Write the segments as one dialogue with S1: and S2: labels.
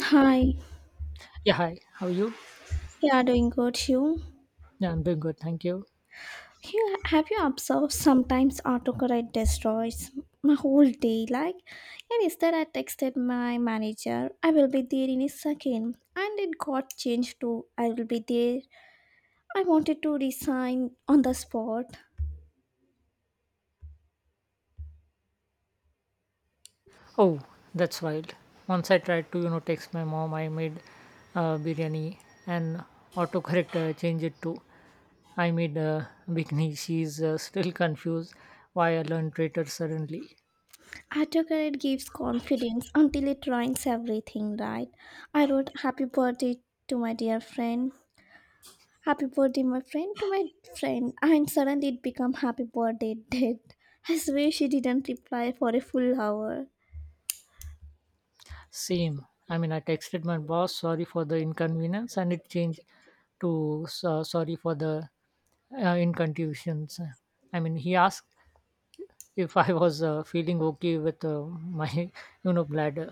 S1: Hi.
S2: Yeah, hi. How are you?
S1: Yeah, doing good. You?
S2: Yeah, I'm doing good, thank you.
S1: Have you observed sometimes autocorrect destroys my whole day? Like, and instead I texted my manager, "I will be there in a second," and it got changed to "I will be there." I wanted to resign on the spot.
S2: Oh, that's wild. Once I tried to, text my mom, I made biryani, and autocorrect changed it to I made bikini. She's still confused why I learned traitor suddenly.
S1: Autocorrect gives confidence until it ruins everything, right? I wrote "Happy birthday" to my dear friend, Happy birthday, my friend, to my friend, and suddenly it became happy birthday, dead. I swear she didn't reply for a full hour.
S2: Same. I mean, I texted my boss, sorry for the inconvenience, and it changed to sorry for the incontusions. I mean, he asked if I was feeling okay with my, bladder.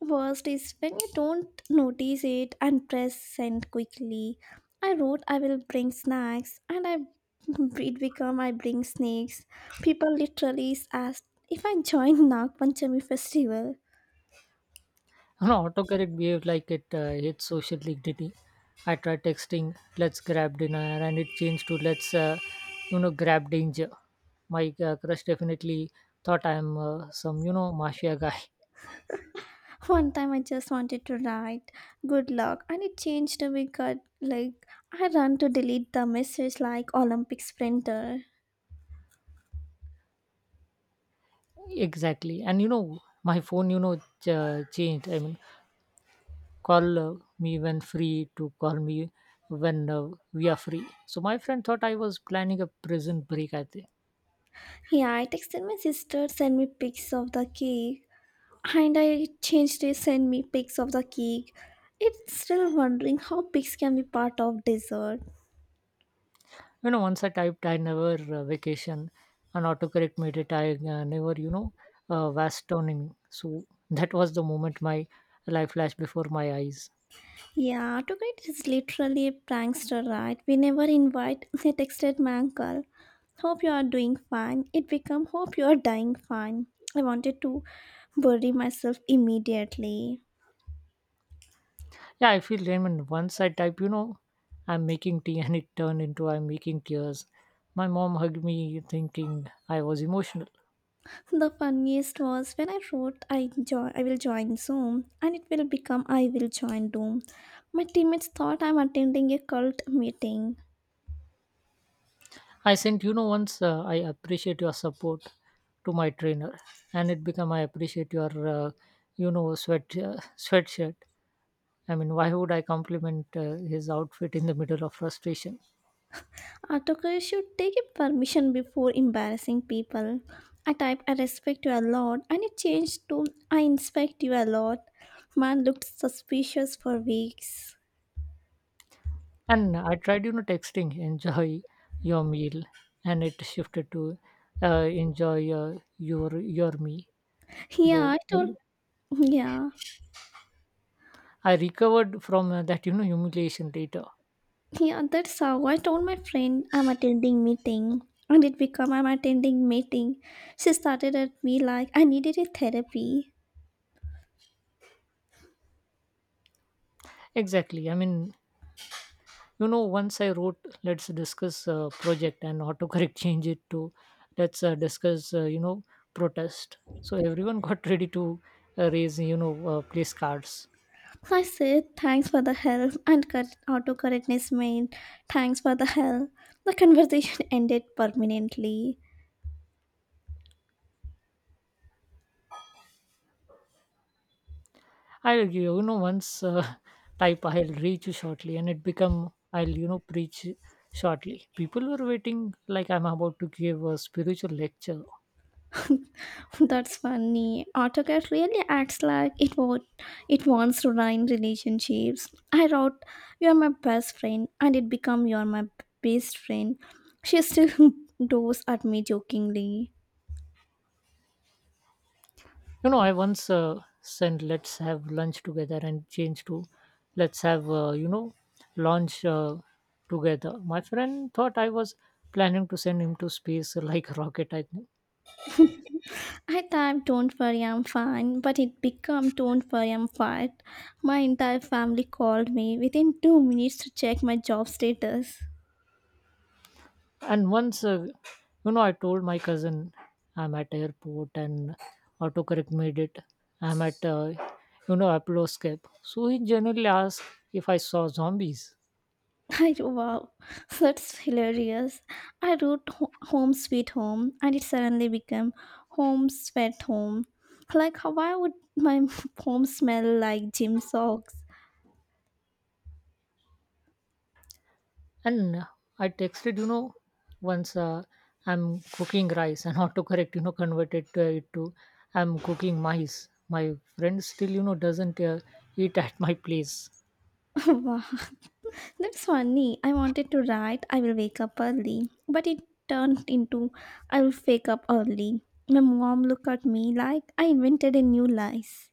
S1: Worst is when you don't notice it and press send quickly. I wrote I will bring snacks, and I it became I bring snakes. People literally asked if I join Nag Panchami festival.
S2: No, autocorrect behaved like it hates social dignity. I tried texting, let's grab dinner, and it changed to let's grab danger. My crush definitely thought I'm some, mafia guy.
S1: One time I just wanted to write good luck and it changed to be good like I run to delete the message like Olympic sprinter.
S2: Exactly. And, my phone, changed. I mean, call me when free to call me when we are free. So my friend thought I was planning a prison break, I think.
S1: Yeah, I texted my sister send me pics of the cake and I changed it send me pics of the cake. It's still wondering how pics can be part of dessert.
S2: Once I typed I never vacation, and autocorrect made it I never vastonimi, so that was the moment my life flashed before my eyes.
S1: Yeah, tonight is literally a prankster, right? We never invite. I texted my uncle. Hope you are doing fine. It become hope you are dying fine. I wanted to bury myself immediately.
S2: Yeah, I feel lame, and once I type, I'm making tea, and it turned into I'm making tears. My mom hugged me, thinking I was emotional.
S1: The funniest was when I wrote I will join Zoom and it will become I will join Doom. My teammates thought I'm attending a cult meeting.
S2: I sent, once I appreciate your support to my trainer, and it became I appreciate your sweat sweatshirt. I mean, why would I compliment his outfit in the middle of frustration?
S1: Autocorrect should take a permission before embarrassing people. I typed I respect you a lot and it changed to I inspect you a lot. Man looked suspicious for weeks.
S2: And I tried, texting, enjoy your meal, and it shifted to enjoy your me,
S1: Yeah,
S2: bro.
S1: I told
S2: And
S1: yeah.
S2: I recovered from that, humiliation later.
S1: Yeah, that's how I told my friend I'm attending meeting and it became I'm attending meeting. She started at me like I needed a therapy.
S2: Exactly. I mean, once I wrote, let's discuss project, and autocorrect changed it to, let's discuss, protest. So everyone got ready to raise, place cards.
S1: I said thanks for the help and cut autocorrectness meant thanks for the help. The conversation ended permanently.
S2: I'll, you know once type I'll reach you shortly, and it become I'll, preach shortly. People were waiting like I'm about to give a spiritual lecture.
S1: That's funny. AutoCAD really acts like it wants to ruin relationships. I wrote, "You're my best friend," and it become "You're my best friend." She still does at me jokingly.
S2: I once sent let's have lunch together and change to let's have lunch together. My friend thought I was planning to send him to space like a rocket. I
S1: I typed, "Don't worry, I'm fine," but it become "Don't worry, I'm fired." My entire family called me within 2 minutes to check my job status.
S2: And once I told my cousin I'm at airport, and autocorrect made it I'm at Apollo escape, so he generally asked if I saw zombies.
S1: I wow, that's hilarious. I wrote "Home Sweet Home" and it suddenly became "Home Sweat Home." Like, how why would my home smell like gym socks?
S2: And I texted, once I'm cooking rice, and autocorrect converted to, it to I'm cooking mice. My friend still doesn't eat at my place.
S1: Wow, that's funny. I wanted to write "I will wake up early," but it turned into "I will wake up early." My mom looked at me like I invented a new lies.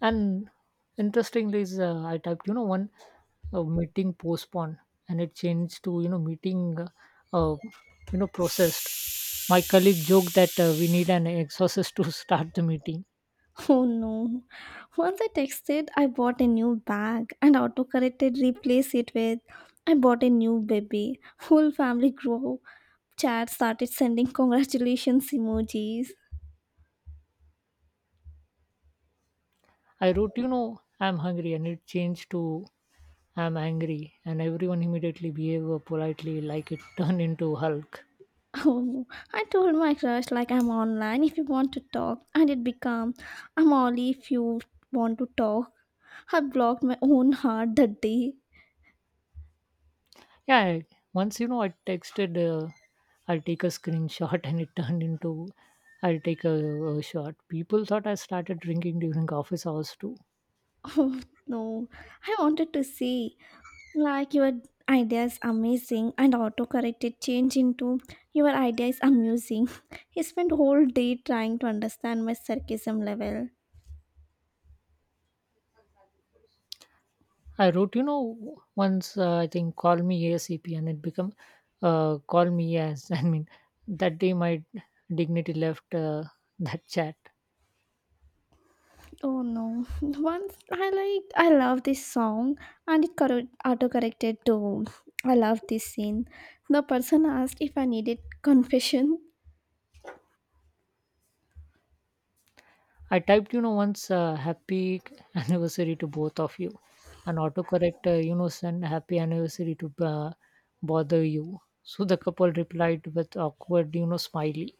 S2: And interestingly, is I typed, one meeting postponed, and it changed to meeting uh, processed. My colleague joked that we need an exorcist to start the meeting.
S1: Oh no. Once I texted, I bought a new bag and autocorrected replaced it with I bought a new baby. Whole family group chat started sending congratulations emojis.
S2: I wrote, I'm hungry, and it changed to I'm angry, and everyone immediately behaved politely like it turned into Hulk.
S1: Oh, I told my crush like I'm online if you want to talk and it became I'm only if you want to talk. I blocked my own heart that day.
S2: Yeah, once, I texted, I'll take a screenshot, and it turned into, I'll take a shot. People thought I started drinking during office hours too.
S1: Oh no. I wanted to say Like your idea is amazing and autocorrected change into your idea is amusing. He spent whole day trying to understand my sarcasm level.
S2: I wrote, once I think call me ASAP, and it became, call me as. I mean, that day my dignity left that chat.
S1: Oh no. Once I love this song and it correct autocorrected to I love this scene. The person asked if I needed confession.
S2: I typed, once happy anniversary to both of you. And autocorrect, send happy anniversary to bother you. So the couple replied with awkward, smiley.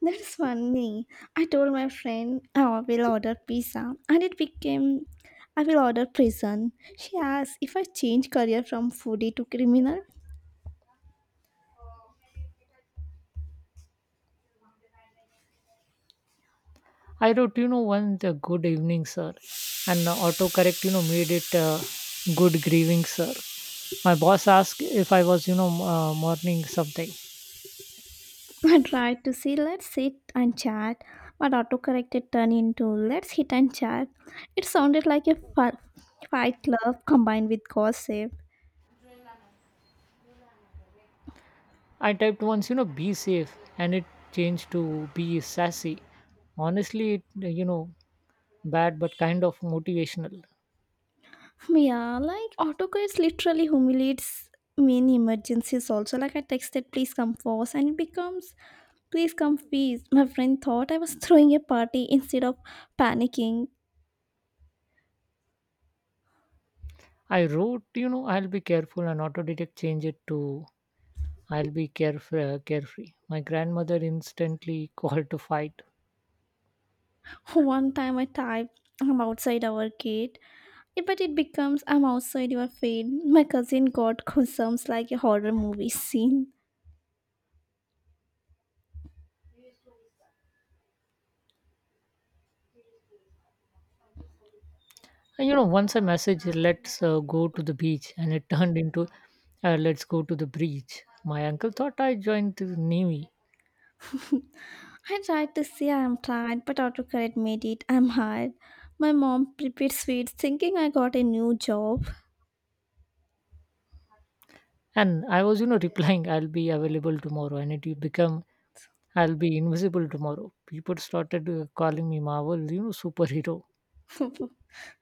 S1: That's funny. I told my friend "Oh, I will order pizza and it became I will order prison. She asked if I change career from foodie to criminal.
S2: I wrote, one the good evening, sir. And autocorrect, made it good grieving, sir. My boss asked if I was, morning something.
S1: I tried to say let's sit and chat, but autocorrected turned into let's hit and chat. It sounded like a fight club combined with gossip.
S2: I typed once, be safe. And it changed to be sassy, honestly it, bad but kind of motivational.
S1: Yeah, like autocorrect literally humiliates me in emergencies also. Like I texted please come first and it becomes Please come, please. My friend thought I was throwing a party instead of panicking.
S2: I wrote, I'll be careful, and auto detect change it to I'll be carefree. My grandmother instantly called to fight.
S1: One time I typed, I'm outside our gate, Yeah, but it becomes, I'm outside your fate. My cousin got goosebumps like a horror movie scene.
S2: And, once I messaged, let's go to the beach, and it turned into let's go to the beach. My uncle thought I joined the Navy,
S1: I tried to say I'm tired, but autocorrect made it, I'm hard. My mom prepared sweets thinking I got a new job.
S2: and I was, replying, I'll be available tomorrow, and it became I'll be invisible tomorrow. People started calling me Marvel, superhero.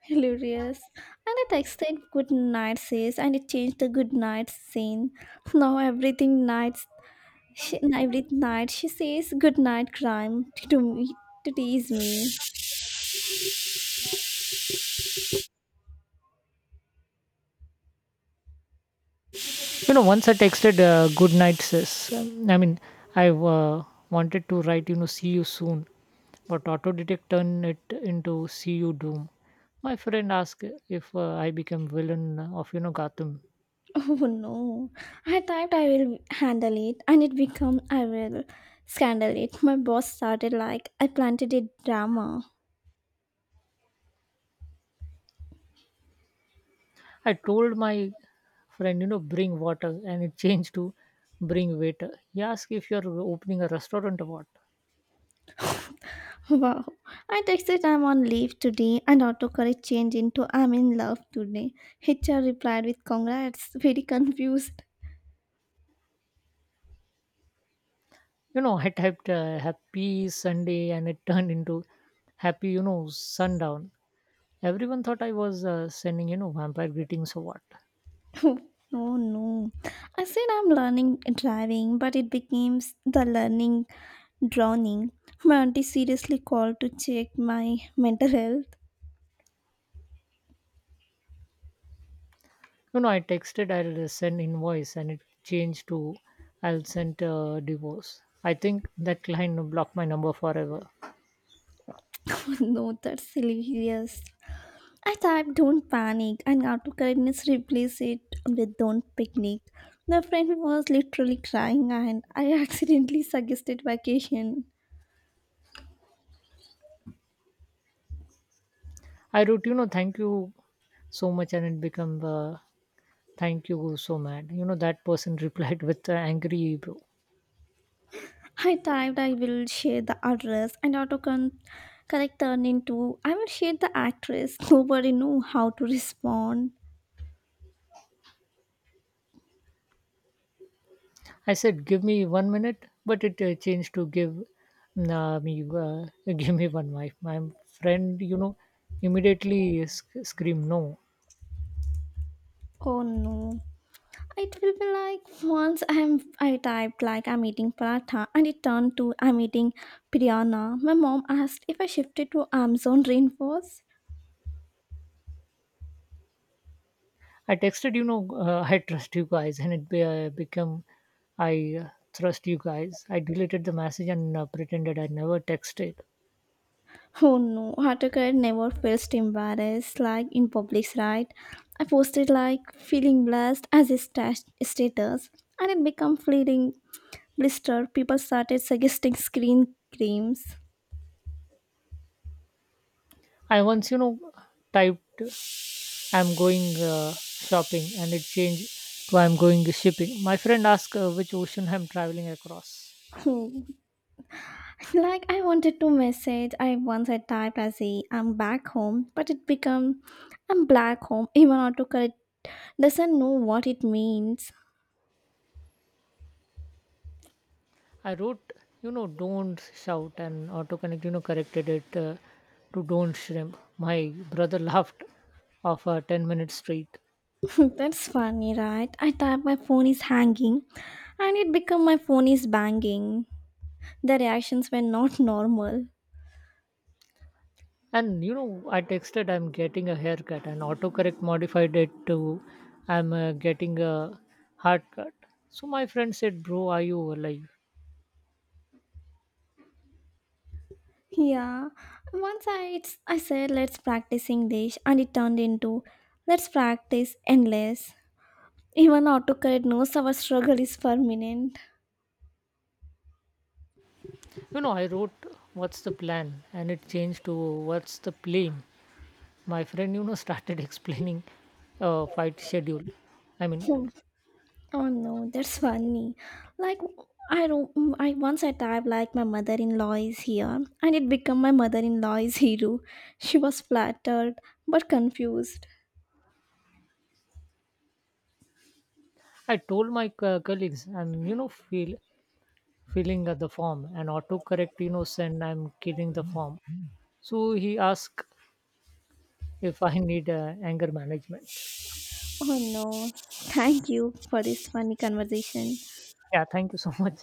S1: Hilarious. And I texted good night sis and it changed the good night scene. Now everything night She, and every night she says good night crime to me to tease me.
S2: Once I texted good night, sis. I mean, I wanted to write, see you soon, but auto detect turned it into see you doom. My friend asked if I became villain of, Gotham.
S1: Oh no. I typed I will handle it and it become I will scandal it. My boss started like I planted a drama.
S2: I told my friend, bring water, and it changed to bring waiter. He asked if you're opening a restaurant or what.
S1: Wow. I texted I'm on leave today and autocorrect changed into I'm in love today. HR replied with congrats. Very confused.
S2: I typed happy Sunday, and it turned into happy, sundown. Everyone thought I was sending, vampire greetings or what.
S1: Oh no. No. I said I'm learning driving, but it became the learning drowning. My auntie seriously called to check my mental health.
S2: No, no, I texted, I'll send invoice, and it changed to I'll send divorce. I think that client blocked my number forever.
S1: No, that's hilarious. I typed don't panic and autocorrectness replaced it with don't picnic. The friend was literally crying and I accidentally suggested vacation.
S2: I wrote, thank you so much, and it became thank you so mad. That person replied with angry bro.
S1: I typed I will share the address and autocorrect turned into I will share the actress. Nobody knew how to respond.
S2: I said, give me 1 minute, but it changed to give nah, me, give me one wife. My friend, immediately screamed no
S1: Oh no. It will be like once I'm I typed like I'm eating paratha and it turned to I'm eating biryana. My mom asked if I shifted to Amazon rainforest.
S2: I texted, I trust you guys, and it became I trust you guys. I deleted the message and pretended I never texted.
S1: Oh no, Autocrat never feels embarrassed like in public, right? I posted like feeling blessed as a status and it became fleeting blister. People started suggesting screen creams.
S2: I once, typed I'm going shopping, and it changed to I'm going shipping. My friend asked which ocean I'm traveling across.
S1: Oh, Like I wanted to message I once had typed as a I'm back home, but it become I'm black home. Even autocorrect doesn't know what it means.
S2: I wrote, don't shout, and autocorrect, corrected it to don't shrimp. My brother laughed of 10 minutes straight.
S1: That's funny, right? I type my phone is hanging and it become my phone is banging. The reactions were not normal.
S2: And, I texted I'm getting a haircut, and autocorrect modified it to I'm getting a hard cut. So my friend said, "Bro, are you alive?"
S1: Yeah. Once I said let's practice English and it turned into let's practice endless. Even autocorrect knows our struggle is permanent.
S2: I wrote, "What's the plan?" and it changed to, "What's the plane?" My friend, started explaining fight schedule. I mean,
S1: Oh no, that's funny. Like I don't I once I typed like my mother-in-law is here and it became my mother-in-law is hero. She was flattered but confused.
S2: I told my colleagues, "I'm feel filling the form," and autocorrect, send I'm killing the form. So he asked if I need anger management.
S1: Oh no. Thank you for this funny conversation.
S2: Yeah, thank you so much.